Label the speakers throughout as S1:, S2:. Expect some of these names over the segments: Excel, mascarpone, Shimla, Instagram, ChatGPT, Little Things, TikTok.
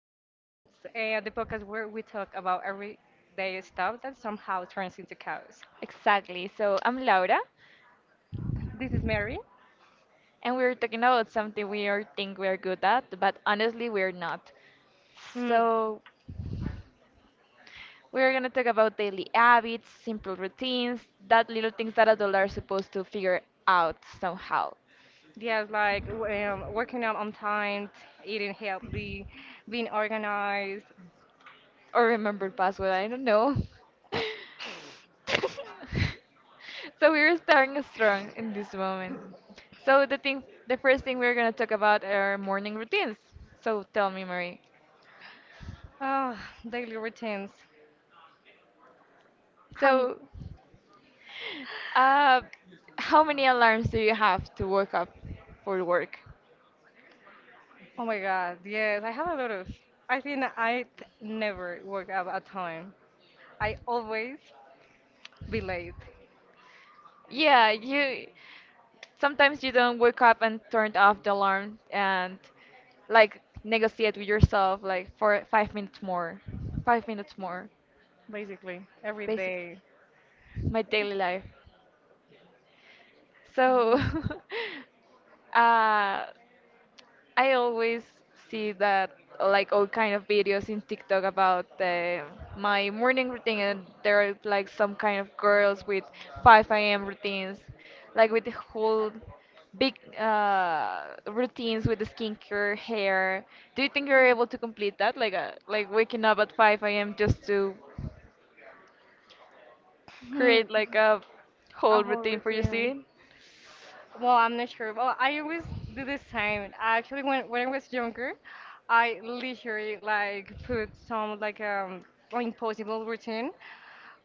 S1: to Little Things, the podcast where we talk about everyday stuff that somehow turns into chaos.
S2: Exactly. So I'm Laura,
S1: This is Mary.
S2: and we're talking about something we are think we're good at, but honestly we're not.
S1: Mm,
S2: So we're gonna talk about daily habits, simple routines, that little things that adults are supposed to figure out somehow,
S1: yes, like working out on time, eating healthy, being organized,
S2: or remember password. I don't know. So we're starting strong in this moment. So the first thing we're gonna talk about are morning routines. So tell me, Marie.
S1: ah, daily routines. Um,
S2: So, uh, how many alarms do you have to wake up for work?
S1: oh my God, yes, I have a lot of. I think I never work out on time. I always be late,
S2: Yeah, you sometimes you don't wake up and turn off the alarm and like negotiate with yourself like for 5 minutes more, 5 minutes more.
S1: basically, every
S2: Basic,
S1: day.
S2: my daily life. So,
S1: Yeah.
S2: uh, I always see that like all kind of videos in TikTok about my morning routine, and there are like some kind of girls with 5 a.m. routines, like with the whole big routines with the skincare, hair. Do you think you're able to complete that, like waking up at 5 a.m. just to
S1: Hmm.
S2: create like a
S1: A
S2: whole
S1: whole
S2: routine for your
S1: routine.
S2: skin?
S1: Well, I'm not sure. Well, I always do the same. Actually, when I was younger, I literally like put some like impossible routine,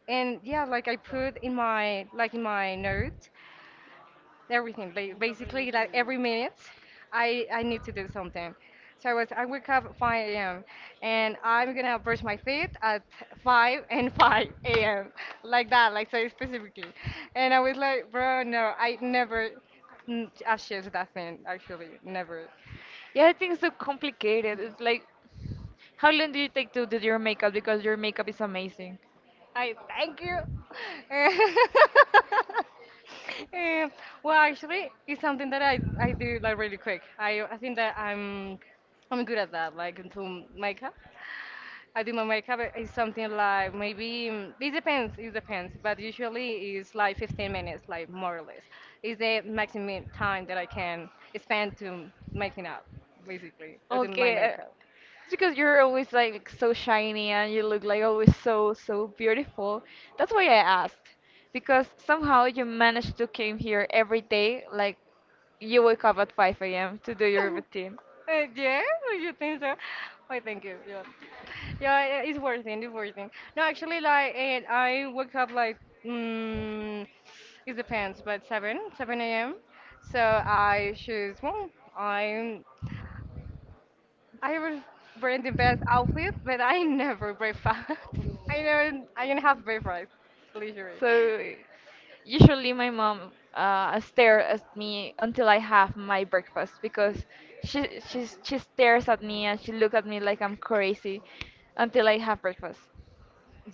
S1: and yeah, like I put in my like in my note everything. Basically, like every minute, I need to do something. So I wake up 5 a.m. and I'm gonna brush my teeth at 5 and 5 a.m. like that, like so specifically. And I was like, bro, no, I never achieved that thing. Actually, never.
S2: Yeah, I think it's so complicated. It's like, how long do you take to do your makeup? Because your makeup is amazing.
S1: I thank you. Um, well, actually, it's something that I do like really quick. I think that I'm good at that. Like into makeup, I do my makeup. It's something like maybe it depends. It depends, but usually it's like 15 minutes, like more or less. It's the maximum time that I can spend to making up, basically, or do my
S2: Okay.
S1: makeup.
S2: It's because you're always like so shiny and you look like always so so beautiful. That's why I asked. Because somehow you managed to came here every day, like you wake up at 5 a.m. to do your routine.
S1: Yeah, do you think so? Why, thank you. Yeah, yeah, yeah, it's worth it. It's worth it. No, actually, I woke up like mm, it depends, but seven a.m. So I choose. Well, I'm I was wearing the best outfit, but I never breakfast. I didn't have breakfast, literally.
S2: So usually my mom stares at me until I have my breakfast because she stares at me and she look at me like I'm crazy until I have breakfast.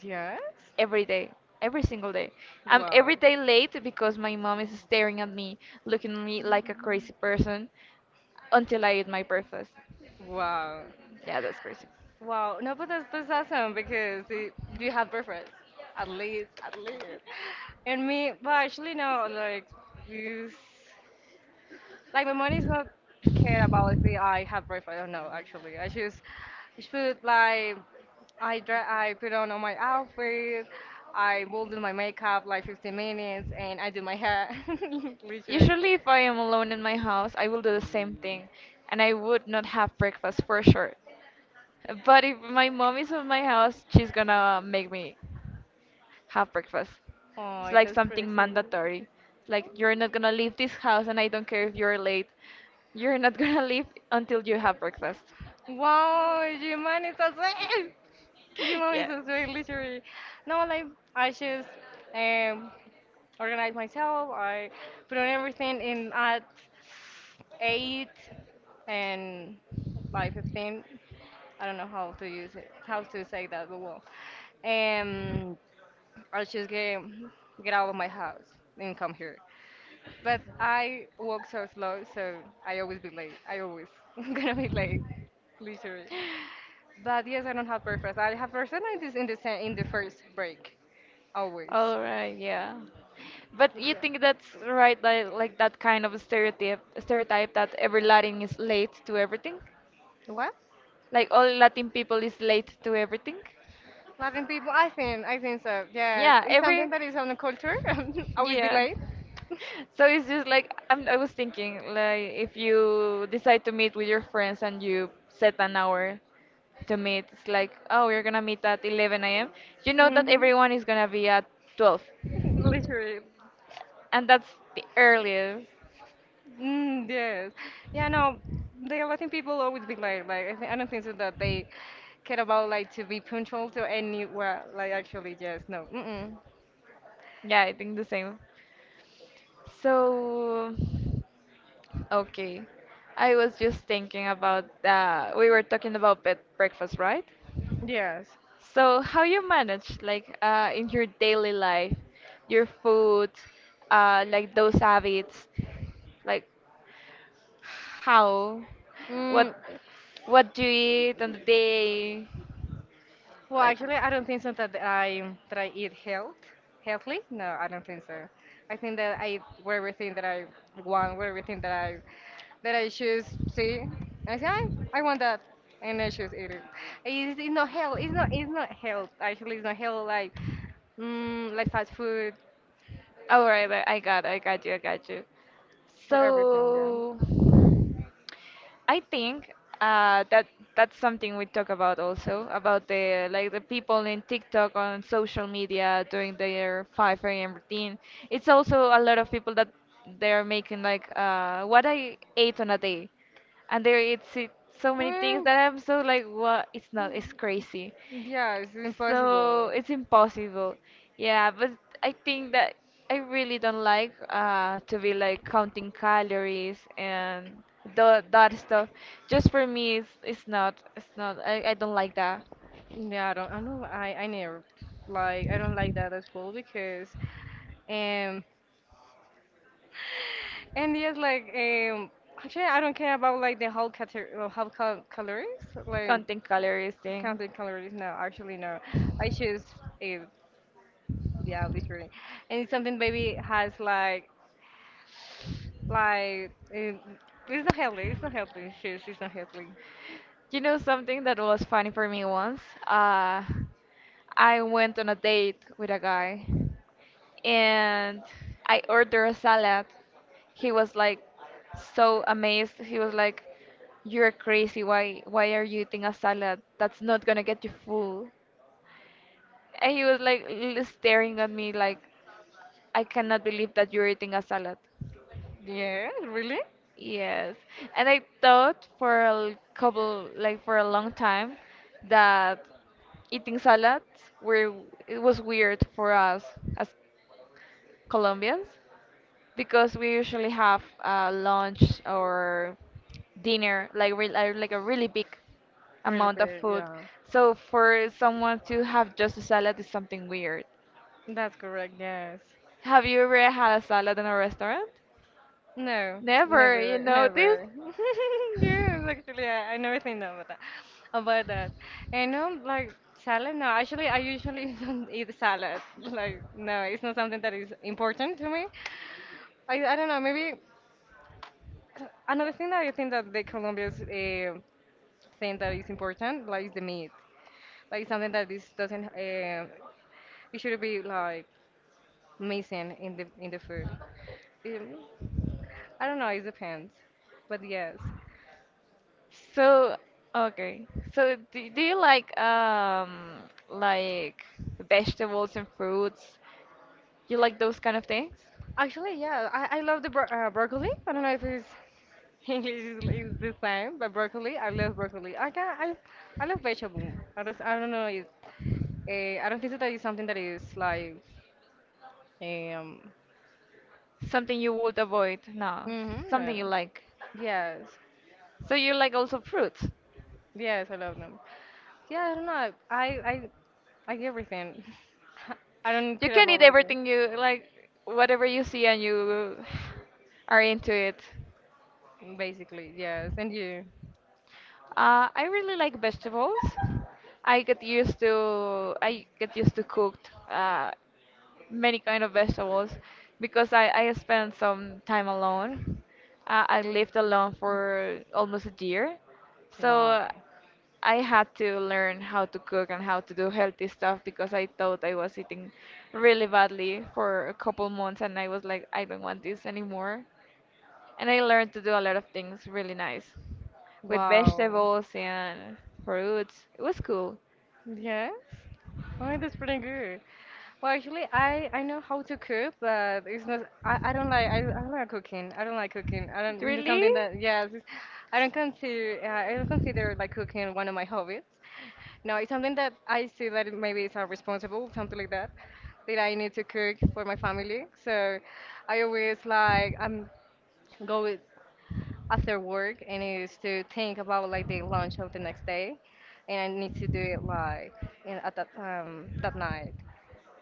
S1: Yes.
S2: Every day, every single day. I'm every
S1: Wow.
S2: day late because my mom is staring at me, looking at me like a
S1: Mhm.
S2: crazy person until I eat my breakfast.
S1: Wow.
S2: Yeah, that's crazy.
S1: Wow, no, but that's awesome because it, you have preference, at least, at least. And me, but actually no, like this. Like my money is not care about if I have breakfast or no. Actually, I just I put like I dre- I put on all my outfit. I will do my makeup like 15 minutes, and I do my hair literally.
S2: Usually, if I am alone in my house, I will do the same thing and I would not have breakfast for sure. But if my mom is at my house, she's gonna make me have breakfast. It's
S1: Oh,
S2: like
S1: that's
S2: something
S1: crazy.
S2: mandatory. Like, you're not gonna leave this house, and I don't care if you're late. You're not gonna leave until you have breakfast.
S1: Wow, you money is the same. It's just very literary. No, like I just um, organize myself. I put on everything in at 8 and by 15. I don't know how to use it, how to say that, but well, um, I just get out of my house and come here. But I walk so slow, so I always be late. I always gonna be late, literally.
S2: Yeah.
S1: But yes, I don't have breakfast. I have breakfast in the first break, always.
S2: All right, yeah. But
S1: But
S2: you
S1: yeah,
S2: think that's right, like that kind of stereotype that every Latin is late to everything?
S1: what?
S2: Like all Latin people is late to everything?
S1: Latin people, I think so. Yes,
S2: Yeah,
S1: it's
S2: every.
S1: something that is on the culture. always be
S2: Yeah.
S1: late.
S2: So it's just like I was thinking, like if you decide to meet with your friends and you set an hour to meet, it's like, oh, we're gonna meet at 11 a.m. You know that
S1: Hmm.
S2: everyone is gonna be at 12.
S1: Literally.
S2: And that's the earliest.
S1: Mm, yes. Yeah, no, the Latin people always be late. Like, I don't think so that they care about like to be punctual to anywhere. Like, actually, yes, no. Mm-mm.
S2: Yeah, I think the same. So, okay. I was just thinking about we were talking about bed breakfast, right?
S1: Yes.
S2: So, how you manage like in your daily life, your food, like those habits, like how,
S1: Mm.
S2: what, what do you eat on the day,
S1: Well,
S2: like…
S1: actually, I don't think so that I eat healthy. No, I don't think so. I think that I eat with everything that I want, with everything that I choose. See, and I say I want that, and I choose eat it. It's not health. It's not. It's not health. Actually, it's not health. Like, like fast food
S2: All right, I got you, I got you.
S1: for everything.
S2: So I think that that's something we talk about also about the like the people in TikTok on social media doing their 5 a.m. routine. It's also a lot of people that they're making like what I
S1: Yeah.
S2: ate on a day, and so many things
S1: Mm,
S2: that I'm so like what it's not, it's crazy.
S1: yeah, it's
S2: So
S1: impossible.
S2: it's impossible. Yeah, but I think that I really don't like to be like counting calories and that stuff. Just for me, it's not, I don't like that
S1: Yeah, I don't. I know. I never like. I don't like that as well because um. And yes, actually, I don't care about like the whole calories, like
S2: counting calories thing.
S1: counting calories. No, actually, no. I choose it. Yeah, literally. And it's something baby has like um, it's not healthy. It's not healthy. It's not healthy.
S2: You know something that was funny for me once? Uh, I went on a date with a guy and I ordered a salad. He was like so amazed. He was like, "You're crazy. Why are you eating a salad? That's not gonna get you full." And he was like staring at me like, "I cannot believe that you're eating a salad."
S1: Yeah, really?
S2: Yes, and I thought for a l- couple, like for a long time, that eating salads were it was weird for us as Colombians because we usually have lunch or dinner, like re like a really big
S1: Really
S2: amount of
S1: big,
S2: food.
S1: yeah.
S2: So for someone to have just a salad is something weird.
S1: That's correct, yes.
S2: Have you ever had a salad in a restaurant?
S1: No,
S2: Never, you
S1: never,
S2: know this?
S1: never. Yes, actually, I never think about that. About that, and like salad. No, actually, I usually don't eat salad. Like, no, it's not something that is important to me. I don't know. Maybe another thing that I think that the Colombia's thing that is important, like, is the meat. Like, something that is doesn't. It should be like missing in the food. Um, I don't know. It depends, but yes.
S2: So, okay. So, do you like vegetables and fruits? You like those kind of things?
S1: Actually, yeah, I love the broccoli. I don't know if it's English is the same, but broccoli. I love broccoli. I love vegetable. I don't know if I don't think that is something that is like um
S2: Something you would avoid? No,
S1: mm-hmm,
S2: something
S1: no.
S2: you like.
S1: Yes.
S2: So you like also fruits?
S1: Yes, I love them. Yeah, I don't know. I like everything. I don't
S2: You
S1: care
S2: can
S1: about
S2: eat
S1: like the.
S2: everything you like, whatever you see and you are into it.
S1: Basically, yes. And you.
S2: I really like vegetables. I get used to cooked many kind of vegetables because I spent some time alone. I lived alone for almost a year, so
S1: Wow.
S2: I had to learn how to cook and how to do healthy stuff because I thought I was eating really badly for a couple months and I was like, I don't want this anymore, and I learned to do a lot of things really nice with
S1: Wow.
S2: vegetables and fruits. It was cool.
S1: Yes. Oh, that's pretty good. Well, actually, I know how to cook, but it's not. I don't like. I don't like cooking. I don't like cooking. I don't. It's
S2: Really?
S1: something that. Yes. I don't consider like cooking one of my hobbies. No, it's something that I see that it maybe it's responsible, something like that, that I need to cook for my family. So I always like go with after work and it is to think about like the lunch of the next day and I need to do it like at that that night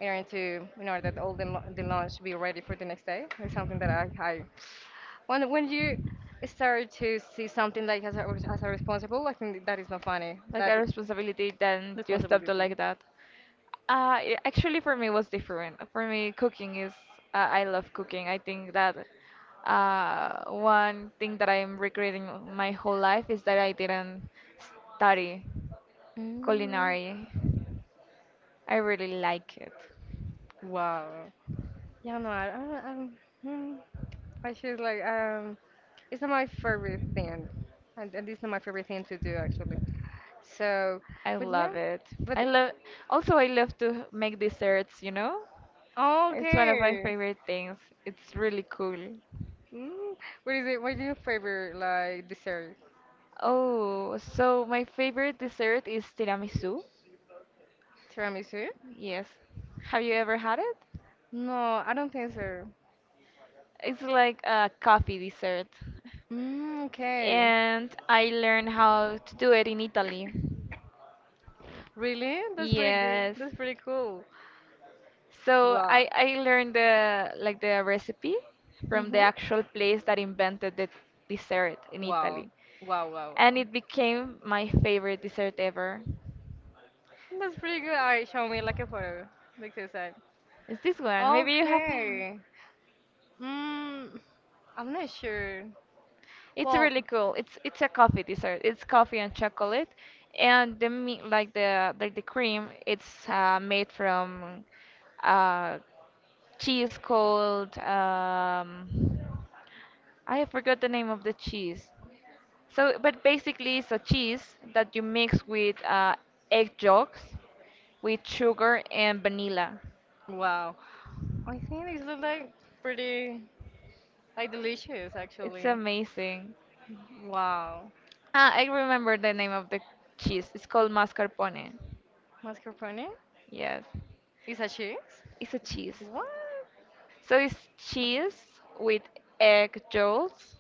S1: in order that all the lunch be ready for the next day. It's something that I when you start to see something like as a responsible I think that is not funny
S2: Like
S1: that
S2: a responsibility, then you stopped to
S1: responsibility.
S2: like that. It, actually for me it was different. For me cooking is I love cooking. I think that one thing that I'm regretting my whole life is that I didn't study
S1: mm,
S2: culinary. I really like it.
S1: wow. Yeah, no, mm, I should like it's not my favorite thing, and it's not my favorite thing to do actually. So,
S2: I
S1: but yeah,
S2: love it. I
S1: but
S2: love also I love to make desserts, you know? It's one of my
S1: okay.
S2: favorite things. It's really cool.
S1: Mm. What is it? What is your favorite like dessert?
S2: Oh, so my favorite dessert is tiramisu.
S1: Tiramisu?
S2: Yes. Have you ever had it?
S1: No, I don't think so.
S2: It's like a coffee dessert.
S1: Mm, okay.
S2: And I learned how to do it in Italy.
S1: Really? That's pretty good.
S2: Yes.
S1: That's pretty cool.
S2: So
S1: Wow.
S2: I learned the like the recipe from the
S1: Mm-hmm.
S2: actual place that invented the dessert in
S1: Wow.
S2: Italy,
S1: Wow, wow,
S2: and
S1: wow.
S2: it became my favorite dessert ever.
S1: That's pretty good. Alright, show me like a photo, like you said.
S2: It's this one. Maybe you have.
S1: Okay. Hmm. I'm not sure.
S2: It's
S1: Well,
S2: really cool. It's a coffee dessert. It's coffee and chocolate, and the like the cream. It's made from uh, cheese called I forgot the name of the cheese. So, but basically, it's a cheese that you mix with egg yolks, with sugar and vanilla.
S1: wow. I think these look like pretty, like delicious
S2: It's
S1: actually.
S2: amazing.
S1: Wow.
S2: Ah, I remember the name of the cheese. It's called mascarpone.
S1: Mascarpone?
S2: Yes,
S1: Is a cheese?
S2: it's a cheese.
S1: What?
S2: So it's cheese with egg yolks,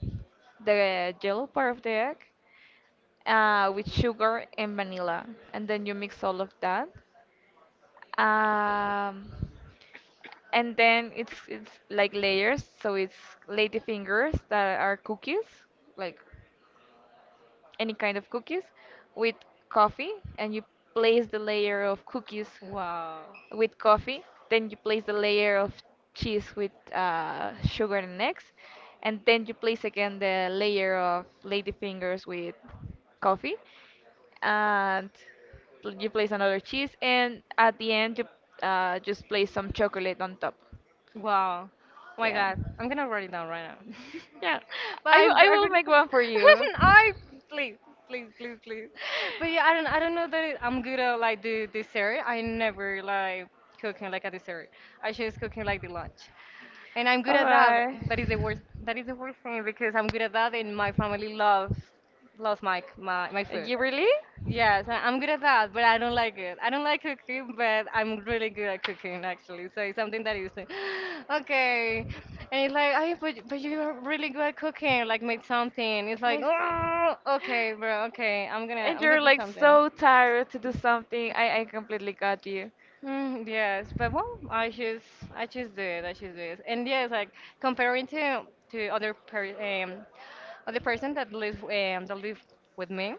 S2: the yellow part of the egg, with sugar and vanilla, and then you mix all of that. Um, and then it's like layers, so it's lady fingers that are cookies, like any kind of cookies with coffee, and you place the layer of cookies
S1: Wow.
S2: with coffee, then you place the layer of cheese with sugar and eggs, and then you place again the layer of ladyfingers with coffee, and you place another cheese, and at the end you just place some chocolate on top.
S1: Wow. Oh my
S2: Yeah,
S1: God. I'm gonna write it down right now.
S2: yeah,
S1: But I,
S2: I
S1: I
S2: will
S1: really,
S2: make one for you.
S1: I please, please, please, please. But yeah, I don't know that it, I'm good at like the dessert. I never like cooking like a dessert. I just cooking like the lunch, and I'm good
S2: All
S1: at that.
S2: right.
S1: That is the worst. That is the worst thing because I'm good at that, and my family loves my food.
S2: You really?
S1: Yes, I'm good at that, but I don't like it. I don't like cooking, but I'm really good at cooking actually. So it's something that you say, okay, and it's like, oh, but you're really good at cooking. Like make something. It's like,
S2: Like…
S1: oh, okay, bro, okay, I'm gonna
S2: And
S1: I'm
S2: you're
S1: gonna do
S2: like
S1: something.
S2: so tired to do something. I completely got you.
S1: Mm, yes, but well, I just do it. I just do it. And yes, like comparing to other person that live with me,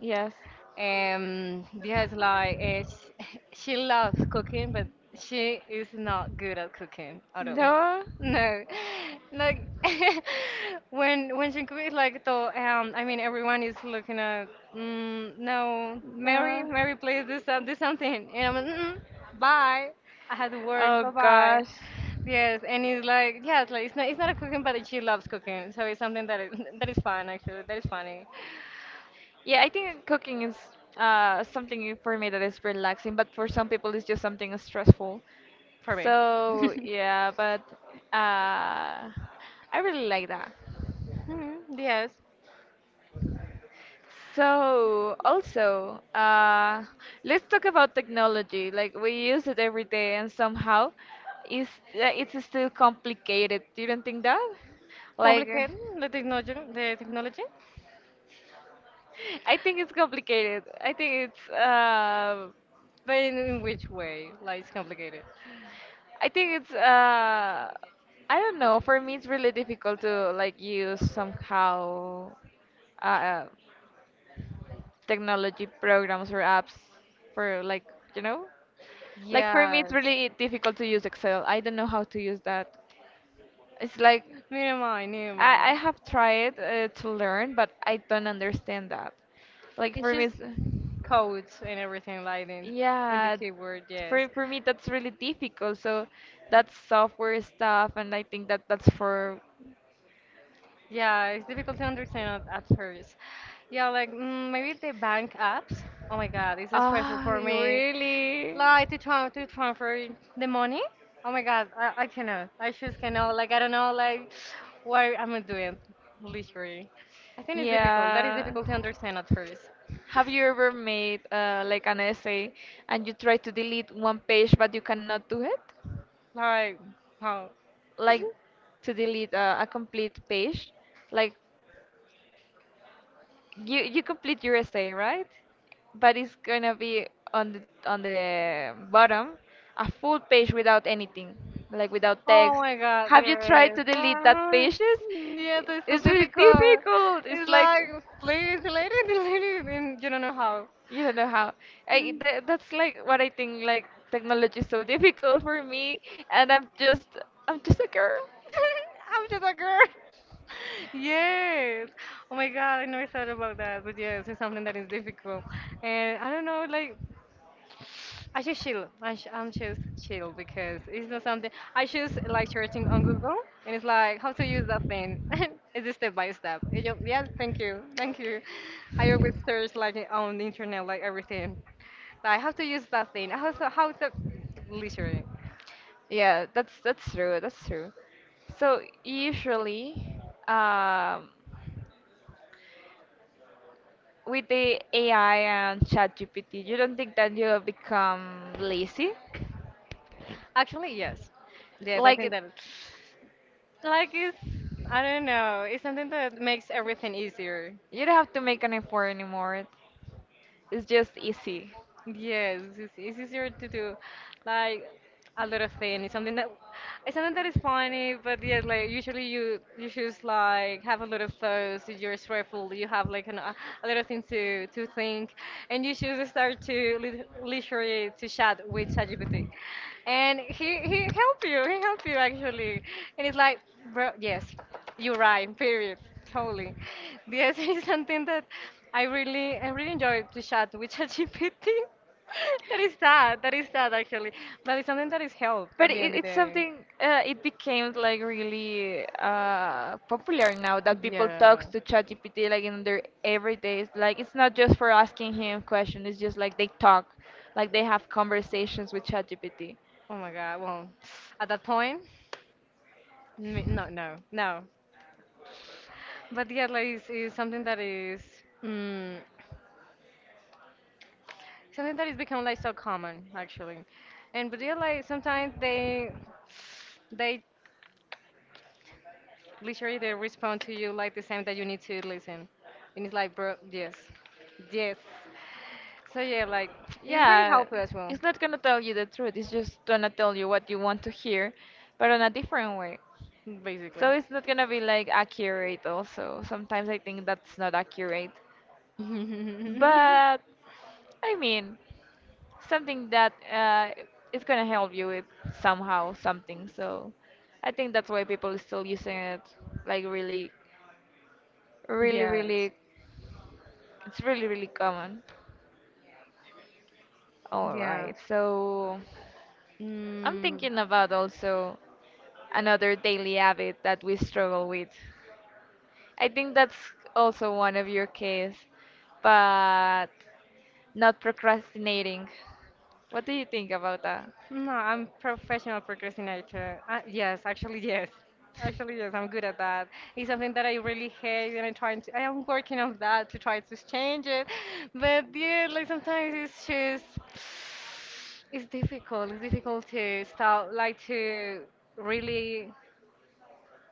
S2: Yes.
S1: because she, she loves cooking, but she is not good at cooking at all.
S2: No.
S1: No, like when she cooks, like so. I mean, everyone is looking at. Mm, no,
S2: No.
S1: Mary, please do something. And I'm like, mm, bye. I had to work.
S2: Oh
S1: Bye bye.
S2: gosh.
S1: Yes, and it's like yes, like it's not a cooking, but she loves cooking, so it's something that is that is fun actually. That is funny
S2: Yeah, I think cooking is something for me that is relaxing, but for some people it's just something stressful.
S1: for me.
S2: So yeah, but I really like that.
S1: Mm, yes,
S2: So also, let's talk about technology. Like we use it every day, and somehow, it's still complicated. You don't think that? Like,
S1: complicated the technology,
S2: I think it's complicated. I think it's uh,
S1: but in which way? Like it's complicated.
S2: I think it's uh I don't know. For me, it's really difficult to like use somehow uh, technology programs or apps for like you know like for me it's
S1: Yes.
S2: really difficult to use excel. I don't know how to use that. It's like
S1: Never mind. Never mind.
S2: I have tried to learn but I don't understand that. Like
S1: It's
S2: for me
S1: just
S2: it's,
S1: codes and everything like that. And the
S2: yeah,
S1: keyword, yes.
S2: for me that's really difficult, so that's software stuff and I think that that's for…
S1: Yeah, it's difficult to understand at first. Yeah, like maybe the bank apps. Oh my God, it's a stressful
S2: Ah,
S1: for me.
S2: really?
S1: Like to try to transfer the money. Oh my God, I cannot. I just cannot. Like I don't know. Like why am I doing? Literally, I think it's difficult. That is
S2: Yeah.
S1: difficult to understand at first.
S2: Have you ever made like an essay and you try to delete one page but you cannot do it?
S1: Like how?
S2: Like to delete a complete page? Like you complete your essay, right? But it's gonna be on the bottom, a full page without anything, like without
S1: Oh
S2: text.
S1: my God,
S2: Have you tried
S1: yes.
S2: to delete that
S1: Oh,
S2: pages?
S1: yes, it's so
S2: It's really
S1: difficult.
S2: difficult. It's
S1: It's
S2: like
S1: like, please, delete it, delete it, and you don't know how.
S2: you don't know how. I
S1: Mm.
S2: tha That's like what I think. Like technology is so difficult for me, and I'm just a girl.
S1: I'm just a girl. Yes. Oh my God, I never thought about that. But yes, it's something that is difficult. And I don't know, like, I just chill. I'm just chill because it's not something. I just like searching on Google and it's like how to use that thing. It's a step by step. Yeah, thank you. Thank you. I always search like on the internet, like everything. Like how to use that thing. How to literally.
S2: Yeah, that's true. That's true. So usually, um, with the AI and ChatGPT, you don't think that you'll become lazy?
S1: Actually, yes. Yes, I
S2: Like,
S1: think
S2: it—
S1: that. Like it's, I don't know, it's something that makes everything easier.
S2: you don't have to make an effort anymore. It's just easy.
S1: Yes, it's easier to do like a lot of things. It's something that is funny, but yes, like usually you choose like have a lot of thoughts. You're stressful. You have like an, a lot of things to think, and you choose to start to literally to chat with ChatGPT, and he help you. He help you actually, and it's like, bro, yes, you're right. Period. Totally. Yes, it is something that I really enjoy to chat with ChatGPT. That is sad. That is sad actually. But it's something that is help at
S2: But
S1: the end of the
S2: it's
S1: day.
S2: something, it became like really popular now that people
S1: Yeah.
S2: talk to ChatGPT like in their everydays. Like, it's not just for asking him questions, it's just like they talk, like they have conversations with ChatGPT.
S1: Oh my God. Well, at that point, no, no, no. But yeah, like it's something that is. Mm, Something that is become like so common actually. And but yeah, like sometimes they literally they respond to you like the same that you need to listen. And it's like bro yes. Yes. So yeah, like it's very
S2: Yeah,
S1: helpful as well,
S2: it's not gonna tell you the truth. It's just gonna tell you what you want to hear, but in a different way.
S1: basically.
S2: So it's not gonna be like accurate also. Sometimes I think that's not accurate. But I mean, something that it's gonna help you with somehow something. So I think that's why people are still using it like really,
S1: Yes.
S2: really, it's really, really common. All
S1: Yes.
S2: right, so I'm
S1: Mm.
S2: thinking about also another daily habit that we struggle with. I think that's also one of your case, but not procrastinating. What do you think about that?
S1: No, I'm professional procrastinator. Yes, actually, yes. Actually, yes, I'm good at that. It's something that I really hate, and I'm trying to, I am working on that to try to change it. But yeah, like sometimes it's just, it's difficult. It's difficult to start, like to really,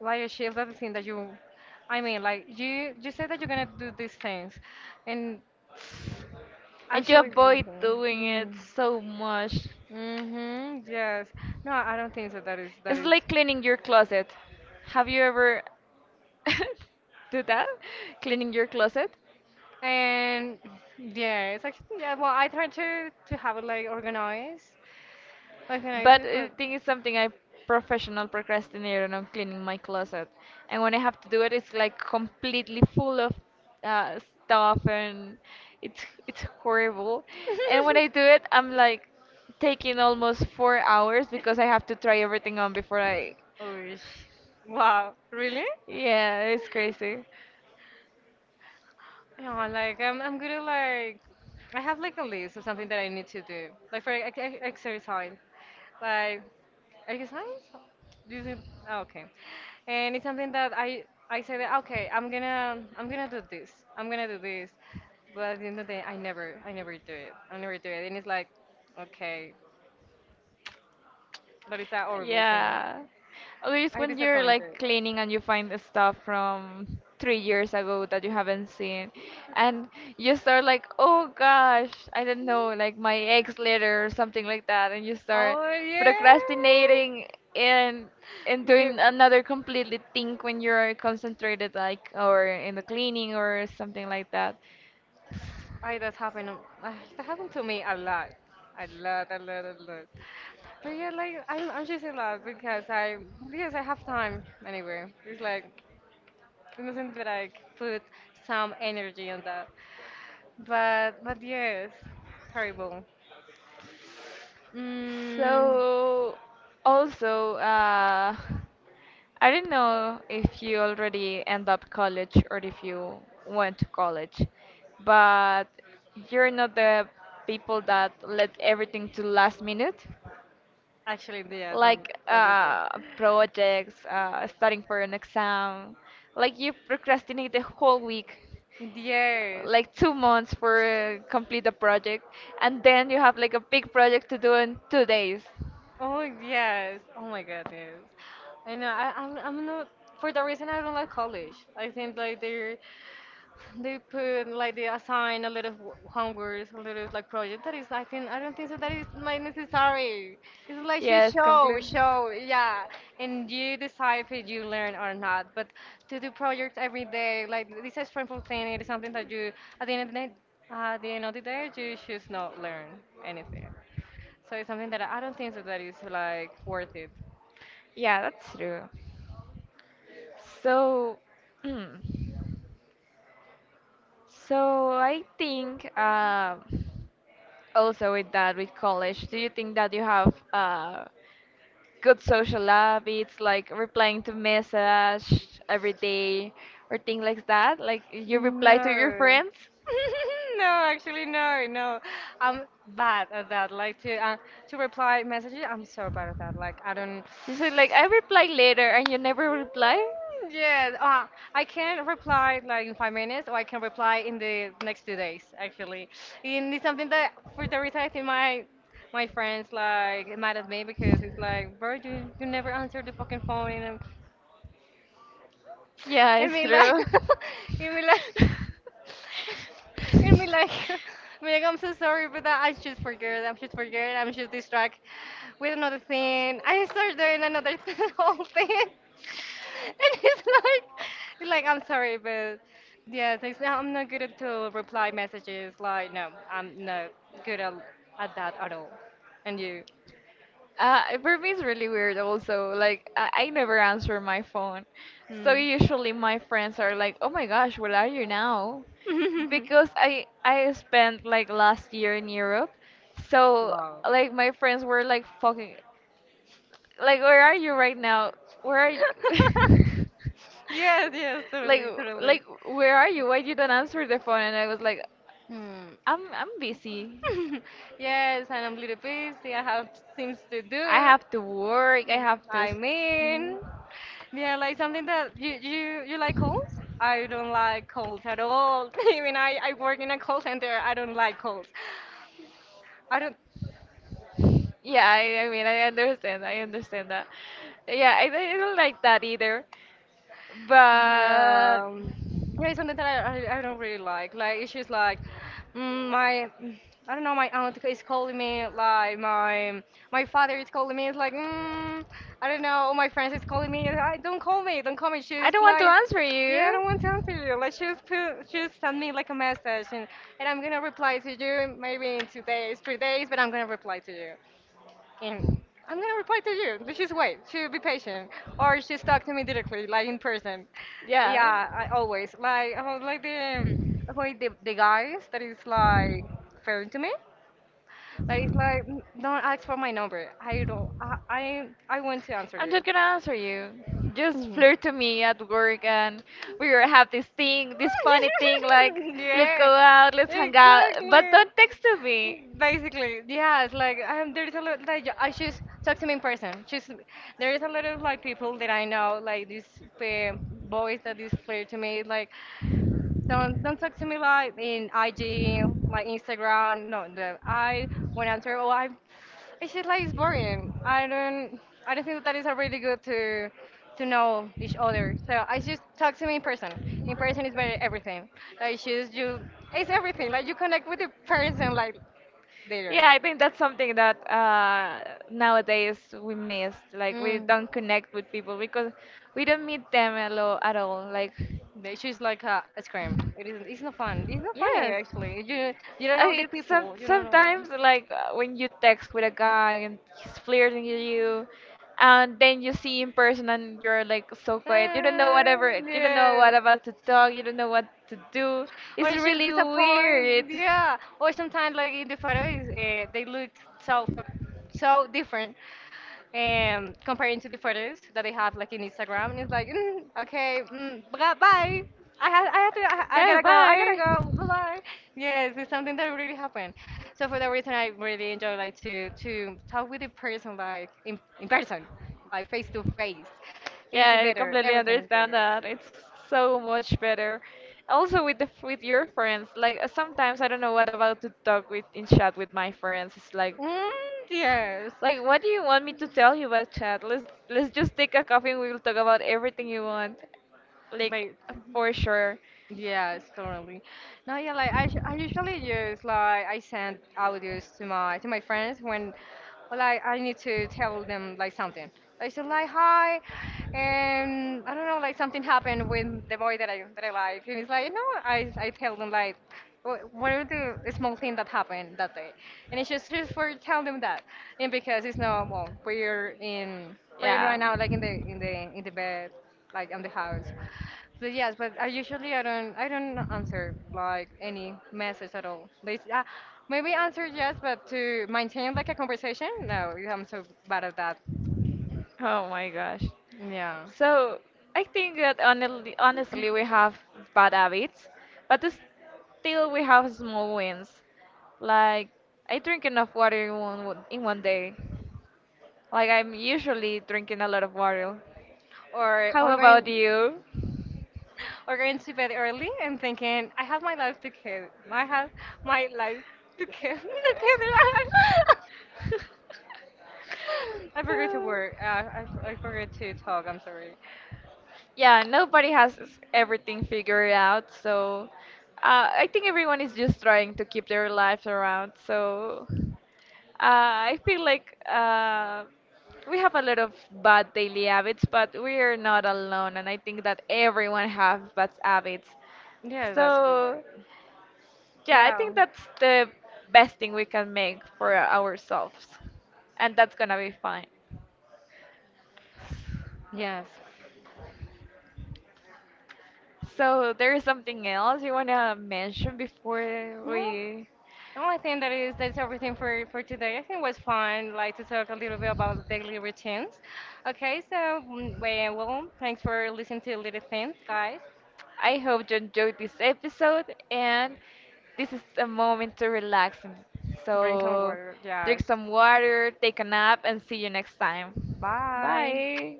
S1: like achieve that thing that you, I mean, like you said that you're gonna do these things, and
S2: And you
S1: actually, it's
S2: avoid
S1: difficult.
S2: doing it
S1: Mm
S2: so much.
S1: hmm. Yes. No, I don't think so. That is that
S2: It's
S1: is.
S2: like cleaning your closet. Have you ever do that? Cleaning your closet?
S1: And yeah, it's like yeah. Well, I try to have it like organized, organized,
S2: But
S1: it,
S2: I
S1: but
S2: think it's something I professional procrastinator on cleaning my closet. And when I have to do it, it's like completely full of uh, stuff and it's horrible. And when I do it, I'm like taking almost 4 hours because I have to try everything on before I.
S1: Oosh. Wow, really?
S2: Yeah, it's crazy.
S1: No, like I'm gonna like I have like a list of something that I need to do. Like for exercise, like exercise. Do you think? Oh, okay, and it's something that I say that okay, I'm gonna do this. I'm gonna do this, but at the end of the day, I never do it. I never do it, and it's like okay, that is a horrible thing.
S2: Yeah. At least
S1: I
S2: when you're
S1: disappointed.
S2: like cleaning and you find the stuff from 3 years ago that you haven't seen, and you start like, oh gosh, I don't know, like my ex letter or something like that, and you start
S1: Oh
S2: procrastinating and
S1: yeah. Yeah.
S2: doing another completely thing when you're concentrated like or in the cleaning or something like that.
S1: I that happened. That happened to me a lot, a lot. But yeah, like I'm choosing love because I have time anyway. It's like we mustn't like put some energy on that. But yes, terrible. Mm,
S2: So, also, I don't know if you already end up college or if you went to college, but you're not the people that let everything to last minute,
S1: Actually, yes, I'm
S2: like
S1: the people.
S2: projects, studying for an exam. Like you procrastinate the whole week,
S1: Yes.
S2: like 2 months for complete a project, and then you have like a big project to do in 2 days.
S1: Oh yes. Oh my God, yes. I know. I'm not. For that reason, I don't like college. I think like they're they put like they assign a lot of homework, a lot of like project that is I think I don't think so that is like necessary. It's like you
S2: Yes, complete.
S1: show, yeah, and you decide if you learn or not. But to do projects every day, like this is painful thing. It is something that you at the end of the day, at the end of the day, you should not learn anything. So it's something that I don't think so that is like worth it.
S2: Yeah, that's true. So, mm, so I think also with that, with college, do you think that you have good social habits, like replying to message every day or things like that. Like you reply to your
S1: No.
S2: friends.
S1: No, actually, no, no. I'm bad at that. Like to reply messages, I'm so bad at that. Like I don't.
S2: You say like I reply later and you never reply.
S1: Yeah, I can reply like in five minutes, or I can reply in the next two days. Actually, and it's something that for the reason I think my my friends like mad at me because it's like, bro, you never answer the fucking phone,
S2: Yeah,
S1: and
S2: it's
S1: me like,
S2: true.
S1: and me like. And be like, be like, I'm so sorry for that. I just forget. I'm just forget. I'm just distracted with another thing. I start doing another thing, whole thing. And it's like I'm sorry, but yeah, it's like, I'm not good at to reply messages. Like, no, I'm not good at that at all. And you?
S2: For me, it's really weird also. Like, I never answer my phone. So
S1: Mm.
S2: usually my friends are like, oh my gosh, where are you now? Because I spent like last year in Europe. So
S1: Wow.
S2: like my friends were like fucking like where are you right now? Where are you?
S1: Yes, yes,
S2: like
S1: totally, totally.
S2: like where are you? Why you don't answer the phone? And I was like,
S1: Hmm.
S2: I'm busy.
S1: Yes, and I'm a little busy. I have things to
S2: I
S1: do.
S2: have to work. I have to.
S1: I
S2: S-
S1: mean, yeah, like something that you like calls? I don't like calls at all. Even I work in a call center. I don't like calls. I don't.
S2: Yeah, I mean I understand. I understand that. Yeah, I don't like that either.
S1: Yeah,
S2: But
S1: yeah, it's something that I don't really like. Like, it's just like mm, my, I don't know, my aunt is calling me. Like, my father is calling me. It's like, mm, I don't know, all my friends is calling me. And don't call me, don't call me.
S2: I
S1: She's
S2: don't want to
S1: like,
S2: answer
S1: yeah, I
S2: you.
S1: don't want to answer you. Like, she's put, she's send me like a message, and I'm gonna reply to you maybe in two days, three days, but I'm gonna reply to you. And I'm gonna reply to you. Let's just wait. She be patient, or just talk to me directly, like in person.
S2: Yeah.
S1: Yeah, I always like about like the avoid the guys that is like fair to me. Like it's like "Mm, don't ask for my number. I don't. I want to answer
S2: I'm number. Not gonna answer you.
S1: you.
S2: Just
S1: Ooh.
S2: flirt to me at work, and we will have this thing, this funny thing, like let's
S1: Yeah,
S2: go Yeah. out, let's hang out, but
S1: exactly.
S2: don't text to me.
S1: Basically, yeah, it's like there is a lot like I just talk to me in person. Just there is a lot of like people that I know, like this uh, boys that is clear to me, like don't talk to me like in IG, like Instagram. No, the I when answer, oh, I it's just like it's boring. I don't think that that is a really good to know each other. So I just talk to me in person. In person is very everything. Like just you it's everything. Like you connect with the person like later.
S2: Yeah, I think that's something that nowadays we miss. Like we
S1: Mm.
S2: don't connect with people because we don't meet them at all. At all. Like
S1: They just like a scream. It isn't. It's not fun. It's not funny
S2: yes,
S1: actually. You don't
S2: I,
S1: know the
S2: it's
S1: people. You don't know.
S2: sometimes like when you text with a guy and he's flirting with you, and then you see in person and you're like so quiet. You don't know whatever. You don't know
S1: Yeah.
S2: what about to talk. You don't know what to do.
S1: Or
S2: It's
S1: it's just
S2: really weird.
S1: disappointed. Yeah. Or sometimes, like in the photos, they looked so different comparing to the photos that they have like in Instagram. And it's like, mm, okay, mm, bye, bye. I have to,
S2: Yeah,
S1: I gotta
S2: bye.
S1: go, bye bye. Yes, it's something that really happened. So for that reason, I really enjoy like to talk with the person like in person like face to face. It's
S2: Yeah, I
S1: better.
S2: completely
S1: Everything is
S2: understand
S1: better.
S2: that. It's so much better. Also with the with your friends, like sometimes I don't know what about to talk with in chat with my friends. It's
S1: Mm, yes.
S2: like what do you want me to tell you about chat? Let's just take a coffee and we'll talk about everything you want. Like
S1: Babe.
S2: for sure.
S1: Yes, totally. No, yeah, like I usually use like I send audios to my friends when, well, like I need to tell them like something. I said like hi, and I don't know like something happened with the boy that I like, and it's like no, I tell them like what are the small thing that happened that day, and it's just for telling them that, and because it's not well we're right now like in the in the in the bed like on the house. So yes, but I usually I don't answer like any message at all. They maybe answer yes, but to maintain like a conversation, no, I'm so bad at that.
S2: Oh my gosh.
S1: Yeah,
S2: So I think that honestly, honestly we have bad habits, but s- still we have small wins. Like I drink enough water in one day. Like I'm usually drinking a lot of water.
S1: or
S2: How
S1: or
S2: about
S1: going
S2: you?
S1: or going to bed early and thinking I have my life to kill. I have my life to kill. Together. I forgot to work. I forgot to talk. I'm sorry.
S2: Yeah, nobody has everything figured out, so I think everyone is just trying to keep their lives around. So I feel like we have a lot of bad daily habits, but we are not alone, and I think that everyone has bad habits.
S1: Yes, that's good.
S2: So yeah, I
S1: Yeah.
S2: think that's the best thing we can make for ourselves, and that's gonna be fine.
S1: Yes.
S2: So there is something else you wanna mention before
S1: Well,
S2: we.
S1: no, I think that is that's everything for today. I think it was fun, like to talk a little bit about daily routines. Okay, so mm, well, well, thanks for listening to Little Things, guys.
S2: I hope you enjoyed this episode, and this is a moment to relax. And-
S1: Drink some
S2: So
S1: water,
S2: drink
S1: yes.
S2: some water, take a nap, and see you next time.
S1: Bye.
S2: Bye.